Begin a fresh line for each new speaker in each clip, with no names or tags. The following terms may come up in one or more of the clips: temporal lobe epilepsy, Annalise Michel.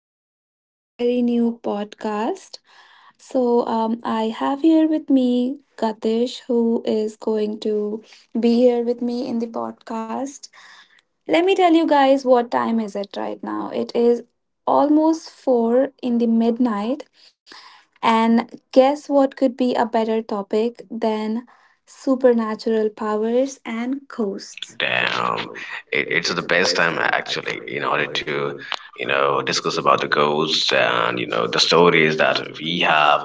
welcome to our very new podcast. I have here with me Katish, who is going to be here with me in the podcast. Let me tell you guys what time is it right now. It is almost four in the midnight, and guess what could be a better topic than supernatural powers and ghosts.
Damn, it's the best time actually in order to, you know, discuss about the ghosts and you know the stories that we have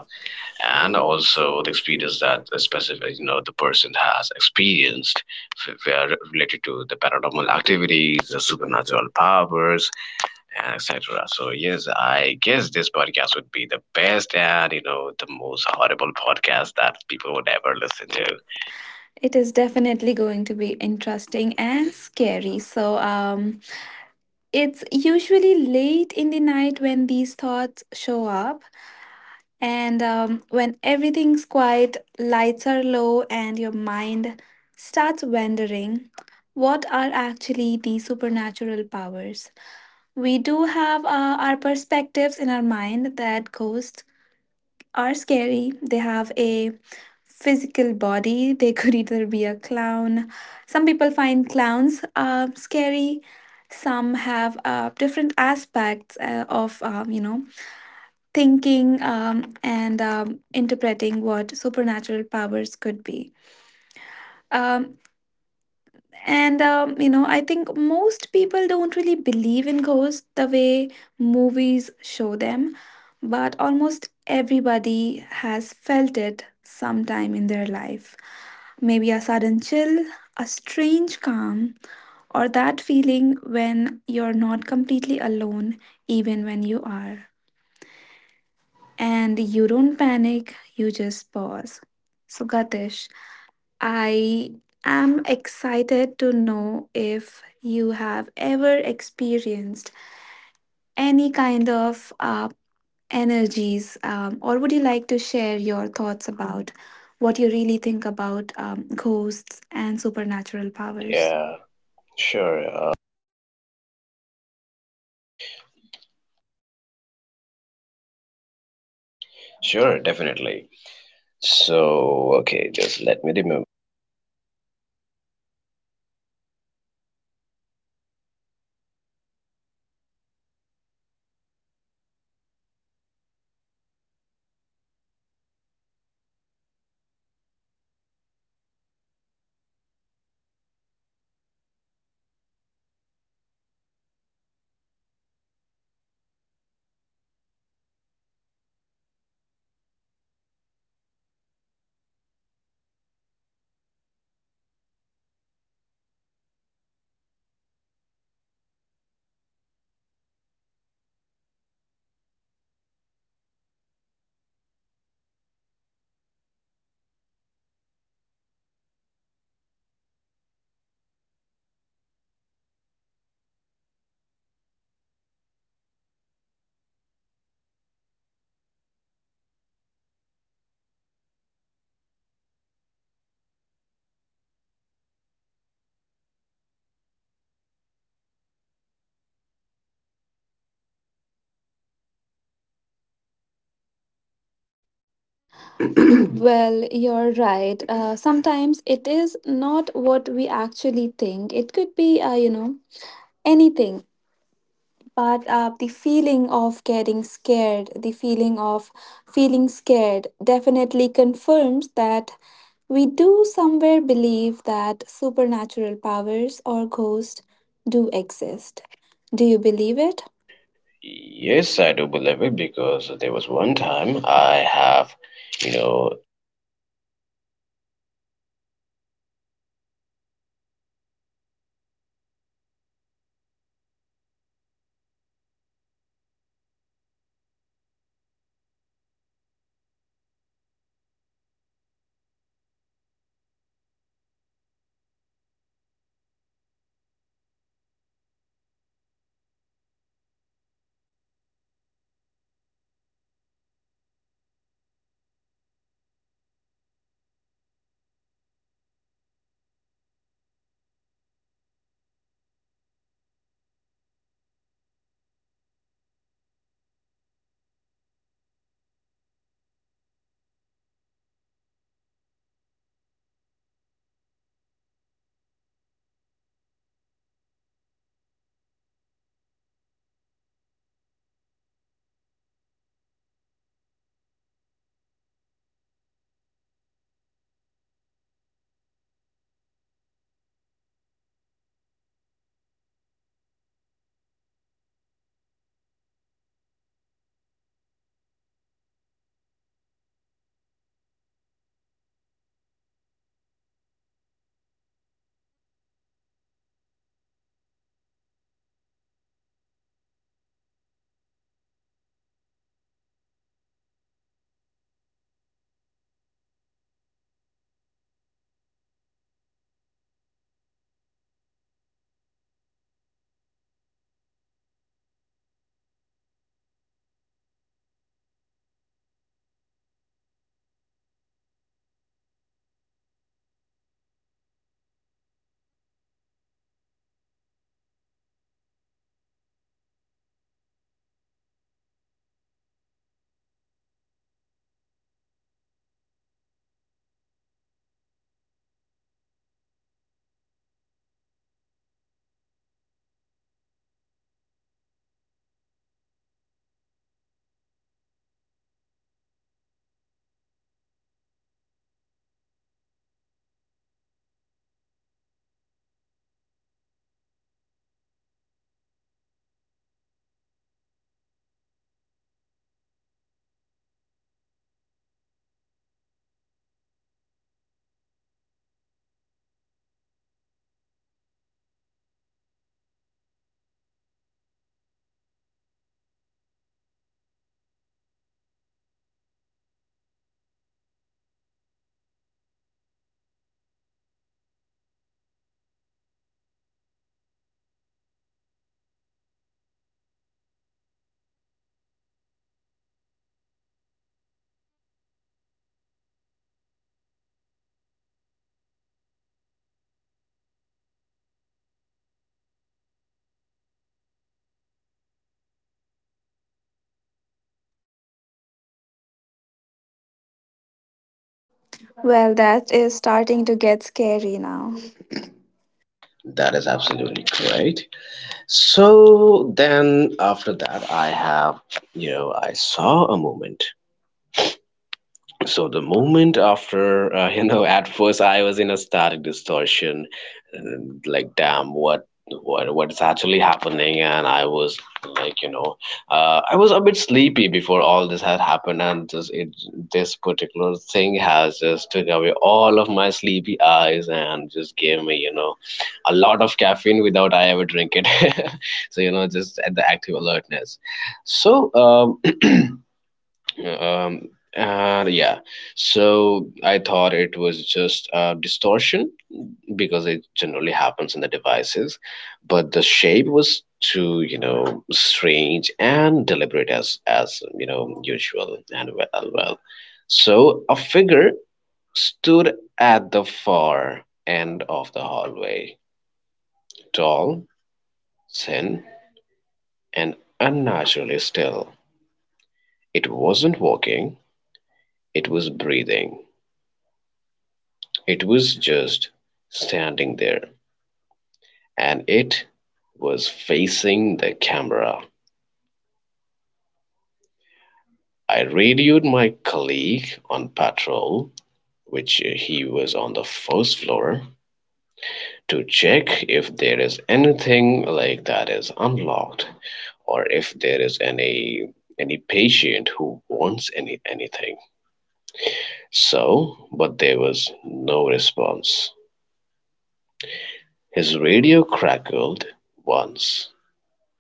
and also the experience that the specific you know the person has experienced, where related to the paranormal activities, the supernatural powers, and etc. So yes, I guess this podcast would be the best and you know the most horrible podcast that people would ever listen to.
It is definitely going to be interesting and scary. It's usually late in the night when these thoughts show up, and when everything's quiet, lights are low, and your mind starts wondering what are actually the supernatural powers. We do have our perspectives in our mind that ghosts are scary, they have a physical body. They could either be a clown. Some people find clowns scary. Some have different aspects of you know thinking and interpreting what supernatural powers could be. Um, and you know, I think most people don't really believe in ghosts the way movies show them, but almost everybody has felt it sometime in their life. Maybe a sudden chill, a strange calm, or that feeling when you're not completely alone, even when you are. And you don't panic, you just pause. So, Gatish, I am excited to know if you have ever experienced any kind of energies, or would you like to share your thoughts about what you really think about ghosts and supernatural powers?
Yeah, sure, sure, definitely. So, okay, just let me remember.
Well, you're right. Sometimes it is not what we actually think. It could be, you know, anything. But the feeling of getting scared, the feeling of feeling scared, definitely confirms that we do somewhere believe that supernatural powers or ghosts do exist. Do you believe it?
Yes, I do believe it because there was one time I have, you know,
Well, that is starting to get scary now.
that is absolutely correct. So then after that, I have, you know, I saw a moment. So the moment after, you know, at first I was in a static distortion, and like, damn, what, what is actually happening? And I was like, you know, I was a bit sleepy before all this had happened, and just this particular thing has just took away all of my sleepy eyes and just gave me, you know, a lot of caffeine without I ever drink it. So, you know, just at the active alertness. So, and yeah, so I thought it was just a distortion because it generally happens in the devices, but the shape was too, you know, strange and deliberate as you know usual and well. So a figure stood at the far end of the hallway, tall, thin, and unnaturally still. It wasn't walking, it was breathing. It was just standing there, and it was facing the camera. I radioed my colleague on patrol, which he was on the first floor, to check if there is anything like that is unlocked or if there is any patient who wants anything. So, but there was no response. His radio crackled once.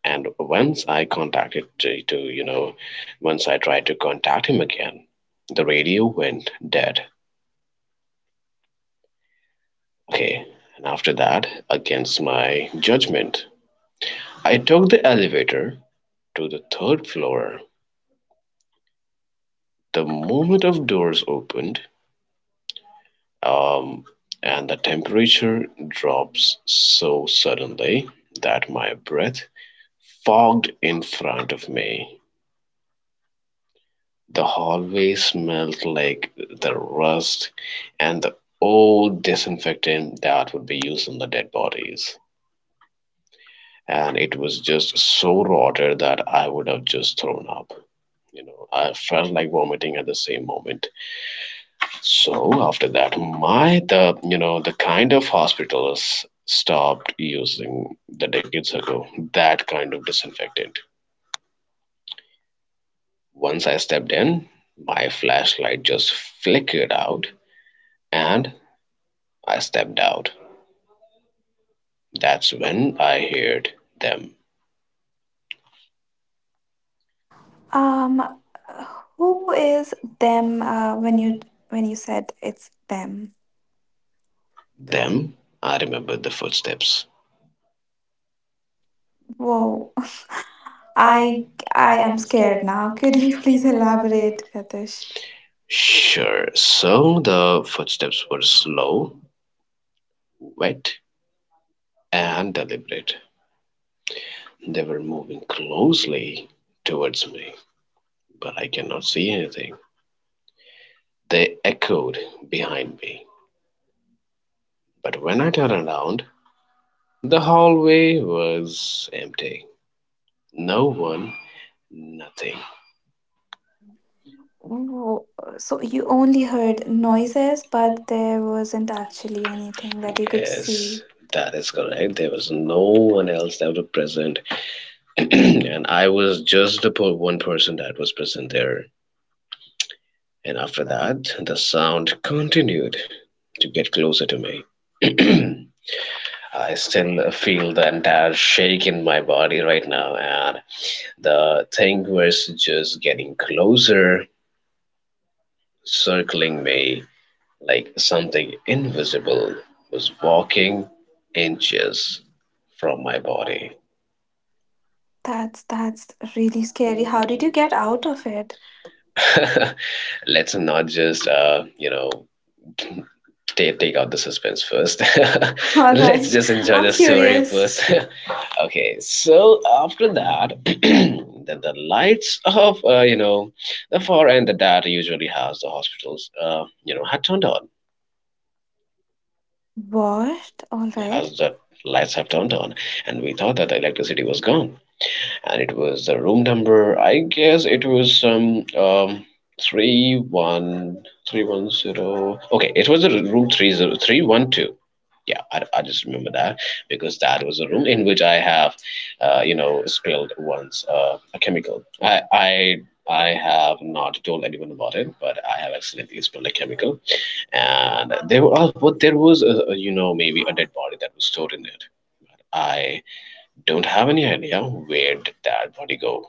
And once I contacted to, you know, once I tried to contact him again, the radio went dead. Okay. And after that, against my judgment, I took the elevator to the third floor. The moment of doors opened, um, and the temperature drops so suddenly that my breath fogged in front of me. The hallway smelled like the rust and the old disinfectant that would be used on the dead bodies. And it was just so rotted that I would have just thrown up. You know, I felt like vomiting at the same moment. So after that, my the you know the kind of hospitals stopped using the decades ago that kind of disinfectant. Once I stepped in, my flashlight just flickered out, and I stepped out. That's when I heard them.
Um,
Um,
who
who is
is them?
them,
Uh, when you when
when
you
you said
said it's
it's
them.
them? Them? I remembered the footsteps. Whoa,
Whoa. I
I
I
I
am
am
scared
scared
now.
now.
Could
Could
you
you
please
please
elaborate,
elaborate?
Katish?
Sure. So the footsteps were slow, wet, and deliberate. They were moving closely towards me, but I cannot see anything. They echoed behind me. But when I turned around, the hallway was empty. No one, nothing. Oh,
Whoa. So
so
you
you
only
only heard
heard noises,
noises, but
but
there
there wasn't
wasn't actually
actually anything that you could,
anything.
Yes.
Yes,
see.
that is correct. There was no one else that was present, and I was just the one person that was present there. And after that, the sound continued to get closer to me. I still feel the entire shake in my body right now, and the thing was just getting closer, circling me like something invisible was walking inches from my body. That's that's
That's really
really
scary.
scary. How
How did
did
you
you get
get out
out of
of it?
it? Let's not just, you know, take out the suspense first.
All right.
Let's just enjoy
I'm
the story first.
curious.
Okay, so after that, the lights of you know the far end that usually has the hospitals you know had turned on,
What? All right.
has the lights have turned on, and we thought that the electricity was gone, and it was the room number. I guess it was some 31310. Okay, it was a room 30312. Yeah, I just remember that because that was a room in which I have, you know, spilled once a chemical. I have not told anyone about it, but I have accidentally spilled a chemical, and but there was you know, maybe a dead body that was stored in it. I don't have any idea. Where did that body go?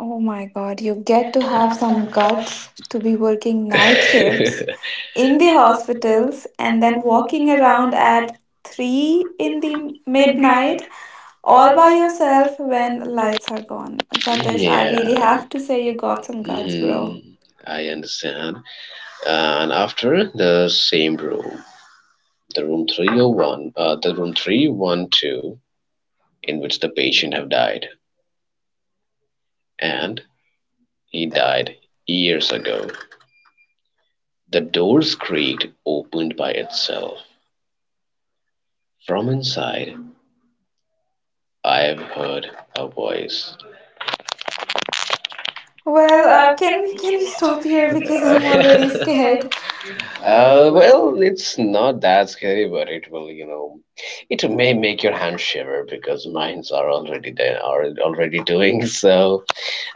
Oh
Oh
my
my
god,
god,
you
you
get
get
to
to
have
have
some
some guts
guts to
to
be
be
working
working night
night shifts
shifts
in
in
the
the hospitals
hospitals and
and
then
then
walking
walking
around
around at
at
3
3
in
in the
the
midnight
midnight
all
all
by
by yourself
yourself when
when lights
lights are
are gone.
gone.
But
Gatish,
then
I
I
really
really, yeah,
have
have
to
to
say
say
you
you
got
got
some
some guts,
guts,
bro.
bro.
Mm, I understand. And after the same room, the room 301, the room 312, in which the patient have died, and he died years ago. The doors creaked opened by itself. From inside I have heard a voice.
Well,
Well,
uh, can we can
can
we
we
stop
stop
here
here
because
because
I'm
I'm
already
really scared.
scared.
Well, it's not that scary, but it will, you know, it may make your hand shiver because mines are already there, are already doing so.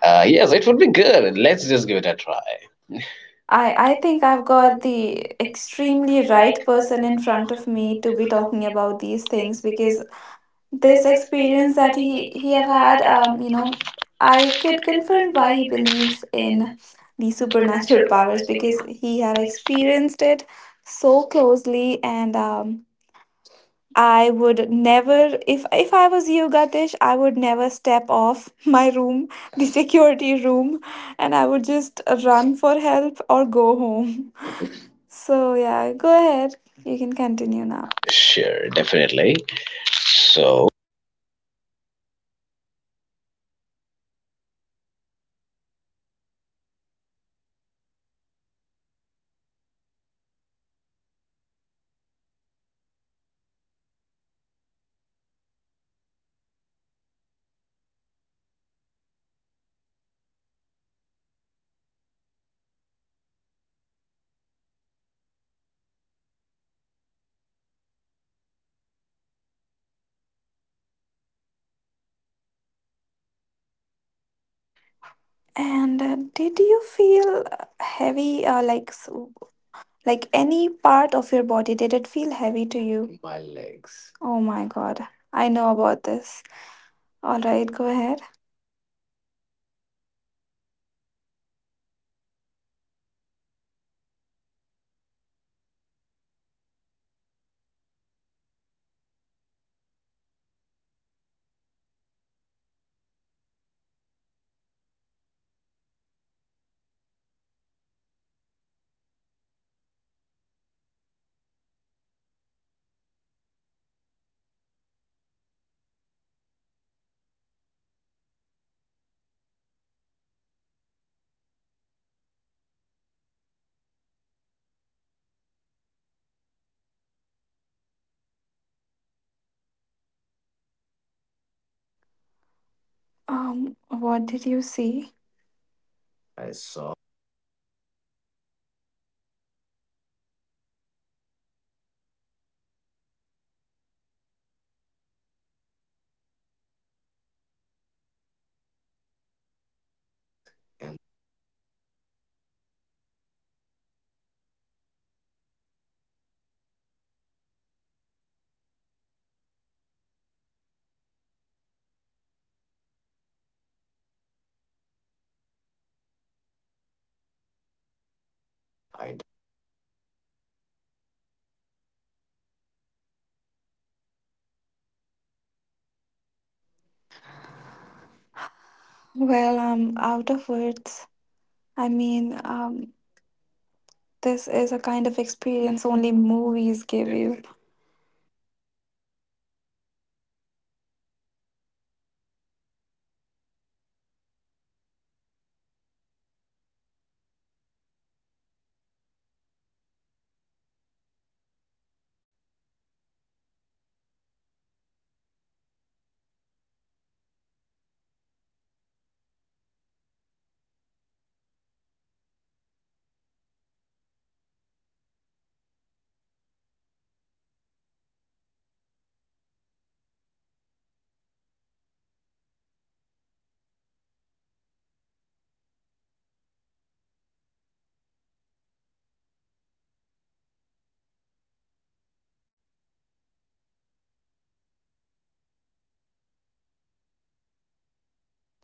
Yes, it would be good. Let's just give it a try.
I
I
think
think
I've
I've
got
got
the
the
extremely
extremely
right
right
person
person
in
in
front
front
of
of
me
me
to
to
be
be
talking
talking
about
about these
these things
things
because
because
this
this
experience
experience
that
that
he he
he
have
have
had
had,
you
you
know
know,
I
I
could
could
confirm
confirm
why
why
he
he
believes
believes
in
in
the
the
supernatural
supernatural
powers
powers because
because he
he
have
have experienced,
experienced it so closely and I would never if I was you gatish I would never step off my room the security room and I would just run for help or go home so yeah go ahead you can
you
continue
know.
now
Sure, definitely. So,
And did you feel heavy like any part of your body, did it feel heavy to you? Oh my god, I know about this. Alright, go ahead. What did you see? Well, I'm out of words. I mean, this is a kind of experience only movies give you.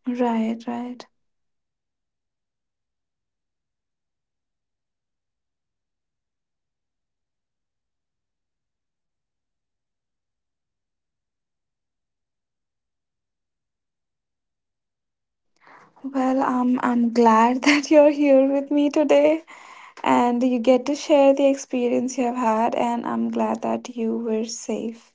Right, right. Well, I'm glad that you're here with me today and you get to share the experience you have had, and I'm glad that you were safe.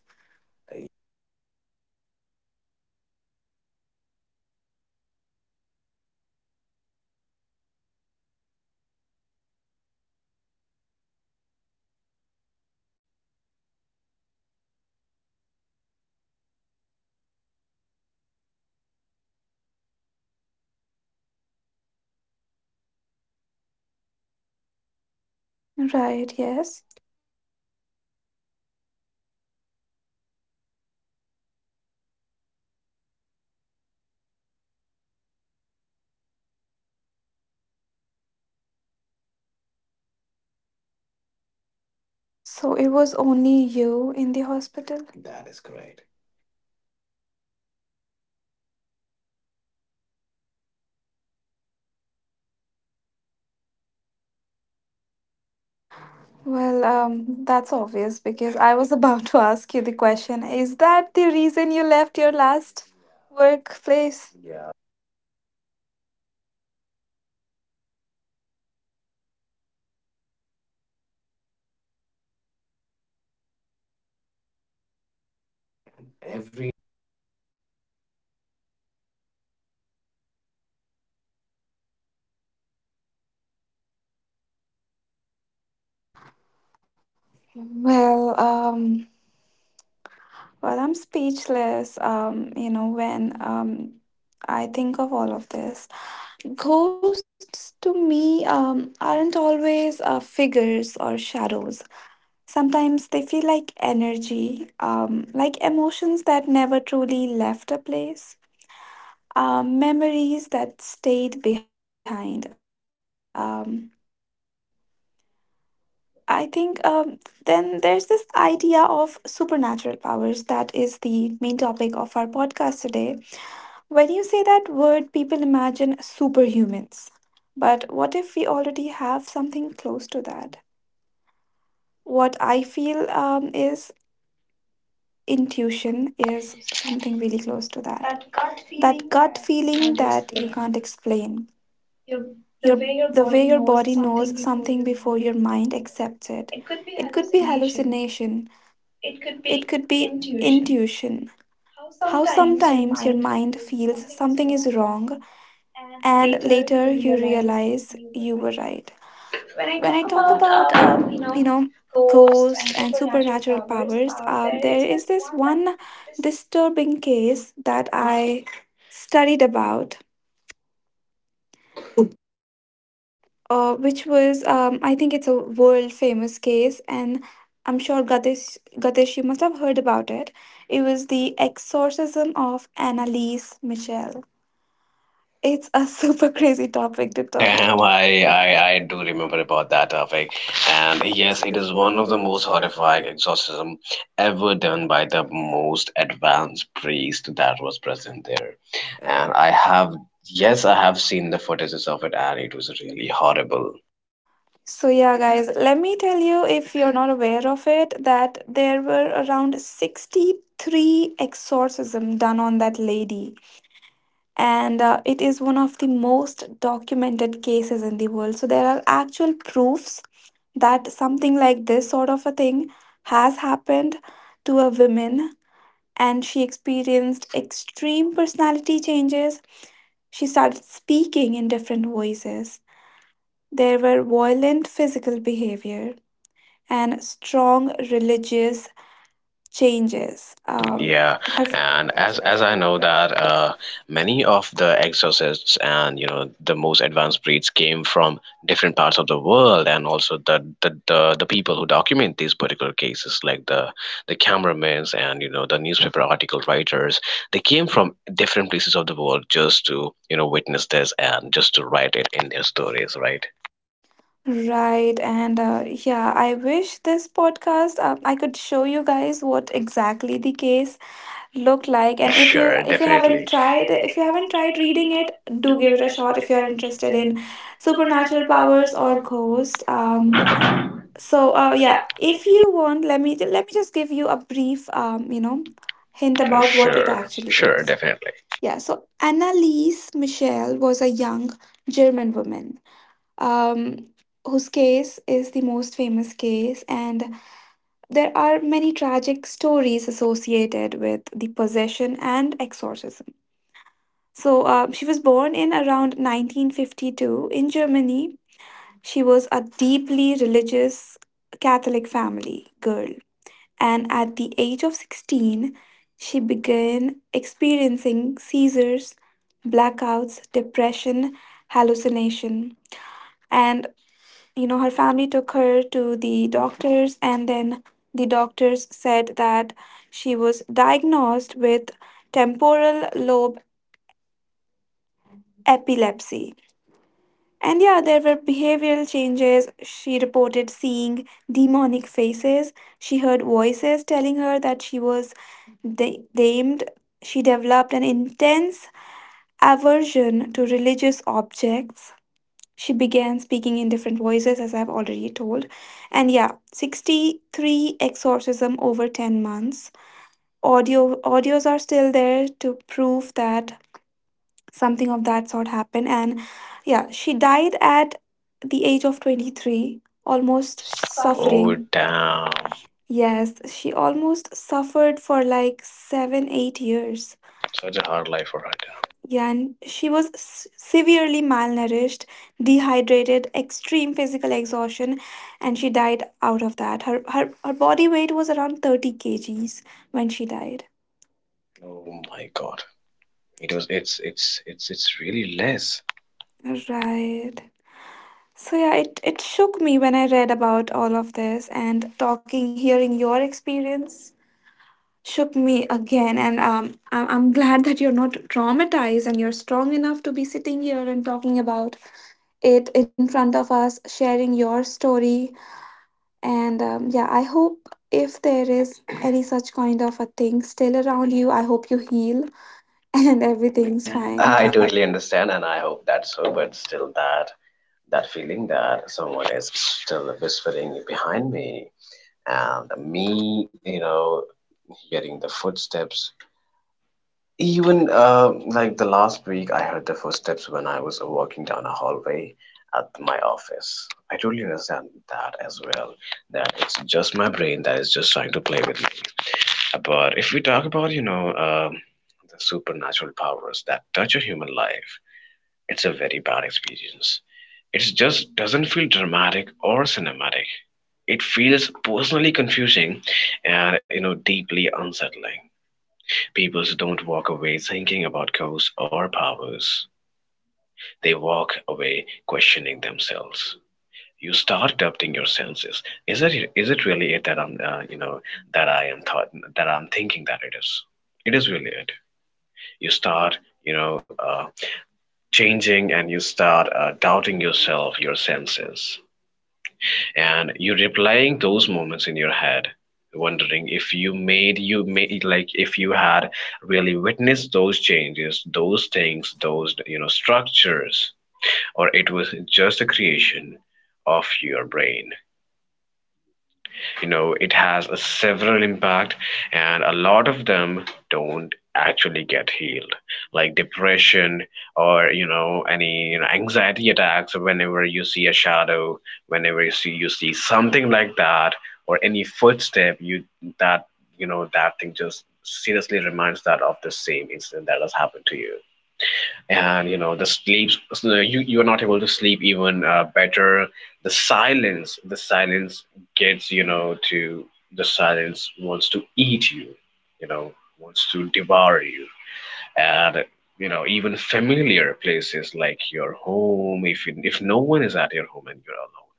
Right, yes. So it was only you in the hospital? Well, that's obvious because I was about to ask you the question. Is that the reason you left your last workplace? Well, um, well, I'm speechless. You know, when I think of all of this, ghosts to me aren't always figures or shadows. Sometimes they feel like energy, like emotions that never truly left a place, memories that stayed behind. I think then there's this idea of supernatural powers that is the main topic of our podcast today. When you say that word, people imagine superhumans. But what if we already have something close to that? What I feel is intuition is
really close to
something
that.
really close to that,
That gut
that
feeling
gut
that you
feeling
can't
that you
explain.
can't explain,
Your, the
your,
way your
the
body
way your
knows
body
something
knows
before your
something before
mind
your mind
accepts it.
accepts it.
It could be
It could be
hallucination,
hallucination,
it could
it
be
could be
intuition,
intuition.
how
How
sometimes your
sometimes your
mind
mind
feels
feels
something is
something is
wrong
wrong
and
and
later
later
you
you
realize
realize
you were
you were
right.
right.
When I
when
talk
I talk
about,
about um,
you
you
know,
know
ghosts and
ghosts and
supernatural
supernatural
powers,
powers,
there
there
is
is this one
this.
disturbing case that I studied about, which was I think it's a world famous case, and I'm sure Gadesh, you must have heard about it. It was the exorcism of Annalise Michel. It's a super crazy topic to talk.
Damn, I do remember about that topic. And yes, it is one of the most horrifying exorcism ever done by the most advanced priest that was present there. And I have, yes, I have seen the footages of it, and it was really horrible.
So, yeah, guys, let me tell you if you're not aware of it, that there were around 63 exorcism done on that lady. And it is one of the most documented cases in the world. So, there are actual proofs that something like this sort of a thing has happened to a woman. And she experienced extreme personality changes. She started speaking in different voices. There were violent physical behavior and strong religious changes.
Yeah,
Her
and as I know that many of the exorcists and you know the most advanced breeds came from different parts of the world, and also the people who document these particular cases, like the cameramen and you know the newspaper article writers, they came from different places of the world just to you know witness this and just to write it in their stories, right?
Right, and yeah, I wish this podcast I could show you guys what exactly the case looked like.
Like it.
And
Sure,
if you
definitely. If you
haven't
haven't
tried
tried,
if
if
you
you
haven't
haven't tried
tried reading
reading
it,
it,
do
do
give
give
it
it
a
a
shot
shot
if
if
you
you
are
are
interested
interested
in
in
supernatural
supernatural
powers
powers
or
or ghosts.
ghost.
So
Yeah,
yeah, if
if
you
you want, let me just give you a brief you know,
hint
hint
about what it.
about what it
Sure, actually,
actually.
sure, is, definitely.
Yeah, so Annalise Michel was a young German woman um, whose case is the most famous case, and there are many tragic stories associated with the possession and exorcism. So she was born in around 1952 in Germany. She was a deeply religious Catholic family girl and at the age of 16, she began experiencing seizures, blackouts, depression, hallucination. And you know, her family took her to the doctors, and then the doctors said that she was diagnosed with temporal lobe epilepsy. And yeah, there were behavioral changes. She reported seeing demonic faces. She heard voices telling her that she was damned. She developed an intense aversion to religious objects. She began speaking in different voices, as I've already told. And yeah, 63 exorcism over 10 months. Audios are still there to prove that something of that sort happened. And yeah, she died at the age of 23, almost
Suffering. Oh
suffering.
damn,
Yes, she almost suffered for like 7 8 years.
such a hard life for her.
Yeah, and she was severely malnourished, dehydrated, extreme physical exhaustion, and she died out of that. Her body weight was around 30 kg kgs when she died.
Damn. Oh my god, it was. It's really less.
Right. So yeah, it shook me when I read about all of this and talking, hearing your experience shook me again. And um, I'm glad that you're not traumatized and you're strong enough to be sitting here and talking about it in front of us, sharing your story. And yeah, I hope if there is any such kind of a thing still around you, I hope you heal and everything's
Right.
fine.
I totally understand, and I hope that's so. But still, that that feeling that someone is still whispering behind me and me you know hearing the footsteps, even like the last week I heard the footsteps when I was walking down a hallway at my office. I totally understand that as well, that it's just my brain that is just trying to play with me. But if we talk about you know the supernatural powers that touch a human life, it's a very bad experience. It just doesn't feel dramatic or cinematic. It feels personally confusing and you know deeply unsettling. People don't walk away thinking about ghosts or powers. They walk away questioning themselves. You start doubting your senses. Is it really it that I'm, you know, that I am thought that I'm thinking that it is? It is really it. You start you know, changing, and you start, doubting yourself, your senses, and you're replying those moments in your head, wondering if you made, like, if you had really witnessed those changes, those things, those you know structures, or it was just a creation of your brain. You know, it has a several impact, and a lot of them don't actually get healed, like depression, or you know any you know anxiety attacks whenever you see a shadow, whenever you see something like that, or any footstep you that you know that thing just seriously reminds that of the same incident that has happened to you. And you know the sleep, so you are not able to sleep even, better. The silence gets you know to, the silence wants to eat you, you know, wants to devour you. And you know, even familiar places like your home, if no one is at your home and you're alone,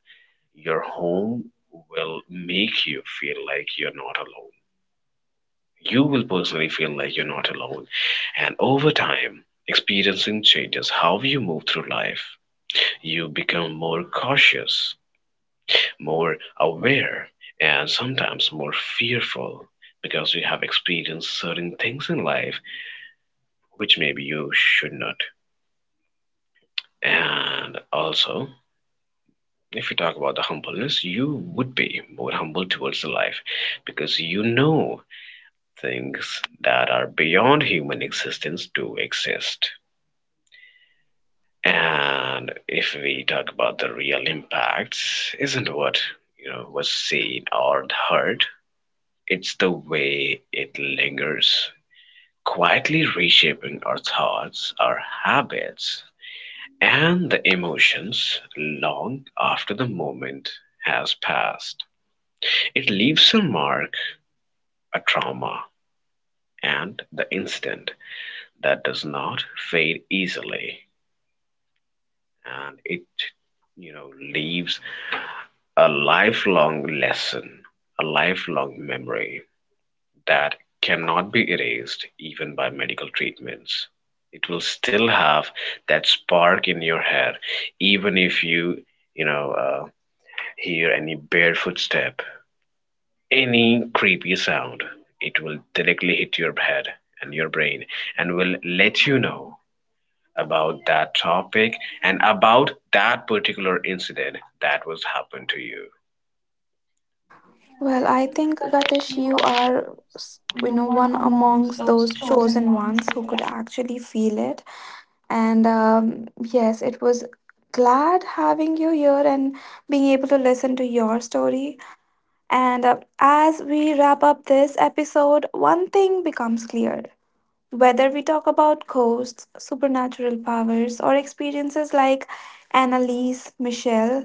your home will make you feel like you're not alone. You will personally feel like you're not alone. And over time, experiencing changes how you move through life. You become more cautious, more aware, and sometimes more fearful because you have experienced certain things in life which maybe you should not. And also, if you talk about the humbleness, you would be more humble towards the life because you know things that are beyond human existence to exist. And if we talk about the real impacts, isn't what you know was seen or heard. It's the way it lingers, quietly reshaping our thoughts, our habits, and the emotions long after the moment has passed. It leaves a mark, a trauma, and the incident that does not fade easily, and it you know leaves a lifelong lesson, a lifelong memory that cannot be erased even by medical treatments. It will still have that spark in your head, even if you, you know, hear any bare footstep, any creepy sound. It will directly hit your head and your brain and will let you know about that topic and about that particular incident that was happened to you. Well,
Well,
I
I
think
think
that
Gatish,
if you
you
are,
are,
you
you
know,
know,
one
one
amongst
amongst
those
those
chosen
chosen
ones,
ones
you
who
could
could
act.
actually feel it. And yes, it was glad having you here and being able to listen to your story. And as we wrap up this episode, one thing becomes clear. Whether we talk about ghosts, supernatural powers, or experiences like Annalise Michelle,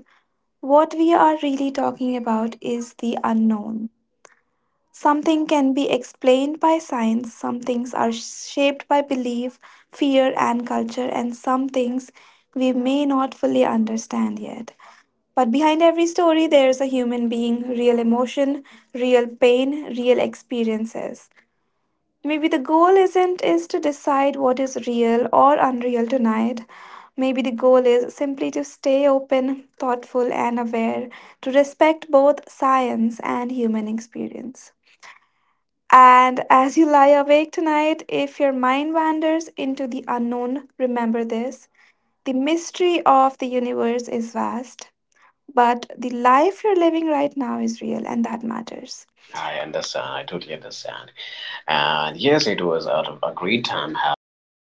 what we are really talking about is the unknown. Some things can be explained by science, some things are shaped by belief, fear, and culture, and some things we may not fully understand yet. But behind every story, there's a human being, real emotion, real pain, real experiences. Maybe the goal isn't is to decide what is real or unreal tonight. Maybe the goal is simply to stay open, thoughtful, and aware, to respect both science and human experience. And as you lie awake tonight, if your mind wanders into the unknown, remember this: the mystery of the universe is vast, but the life you're living right now is real, and that matters.
I understand. I totally understand. And yes, it was a great time having, you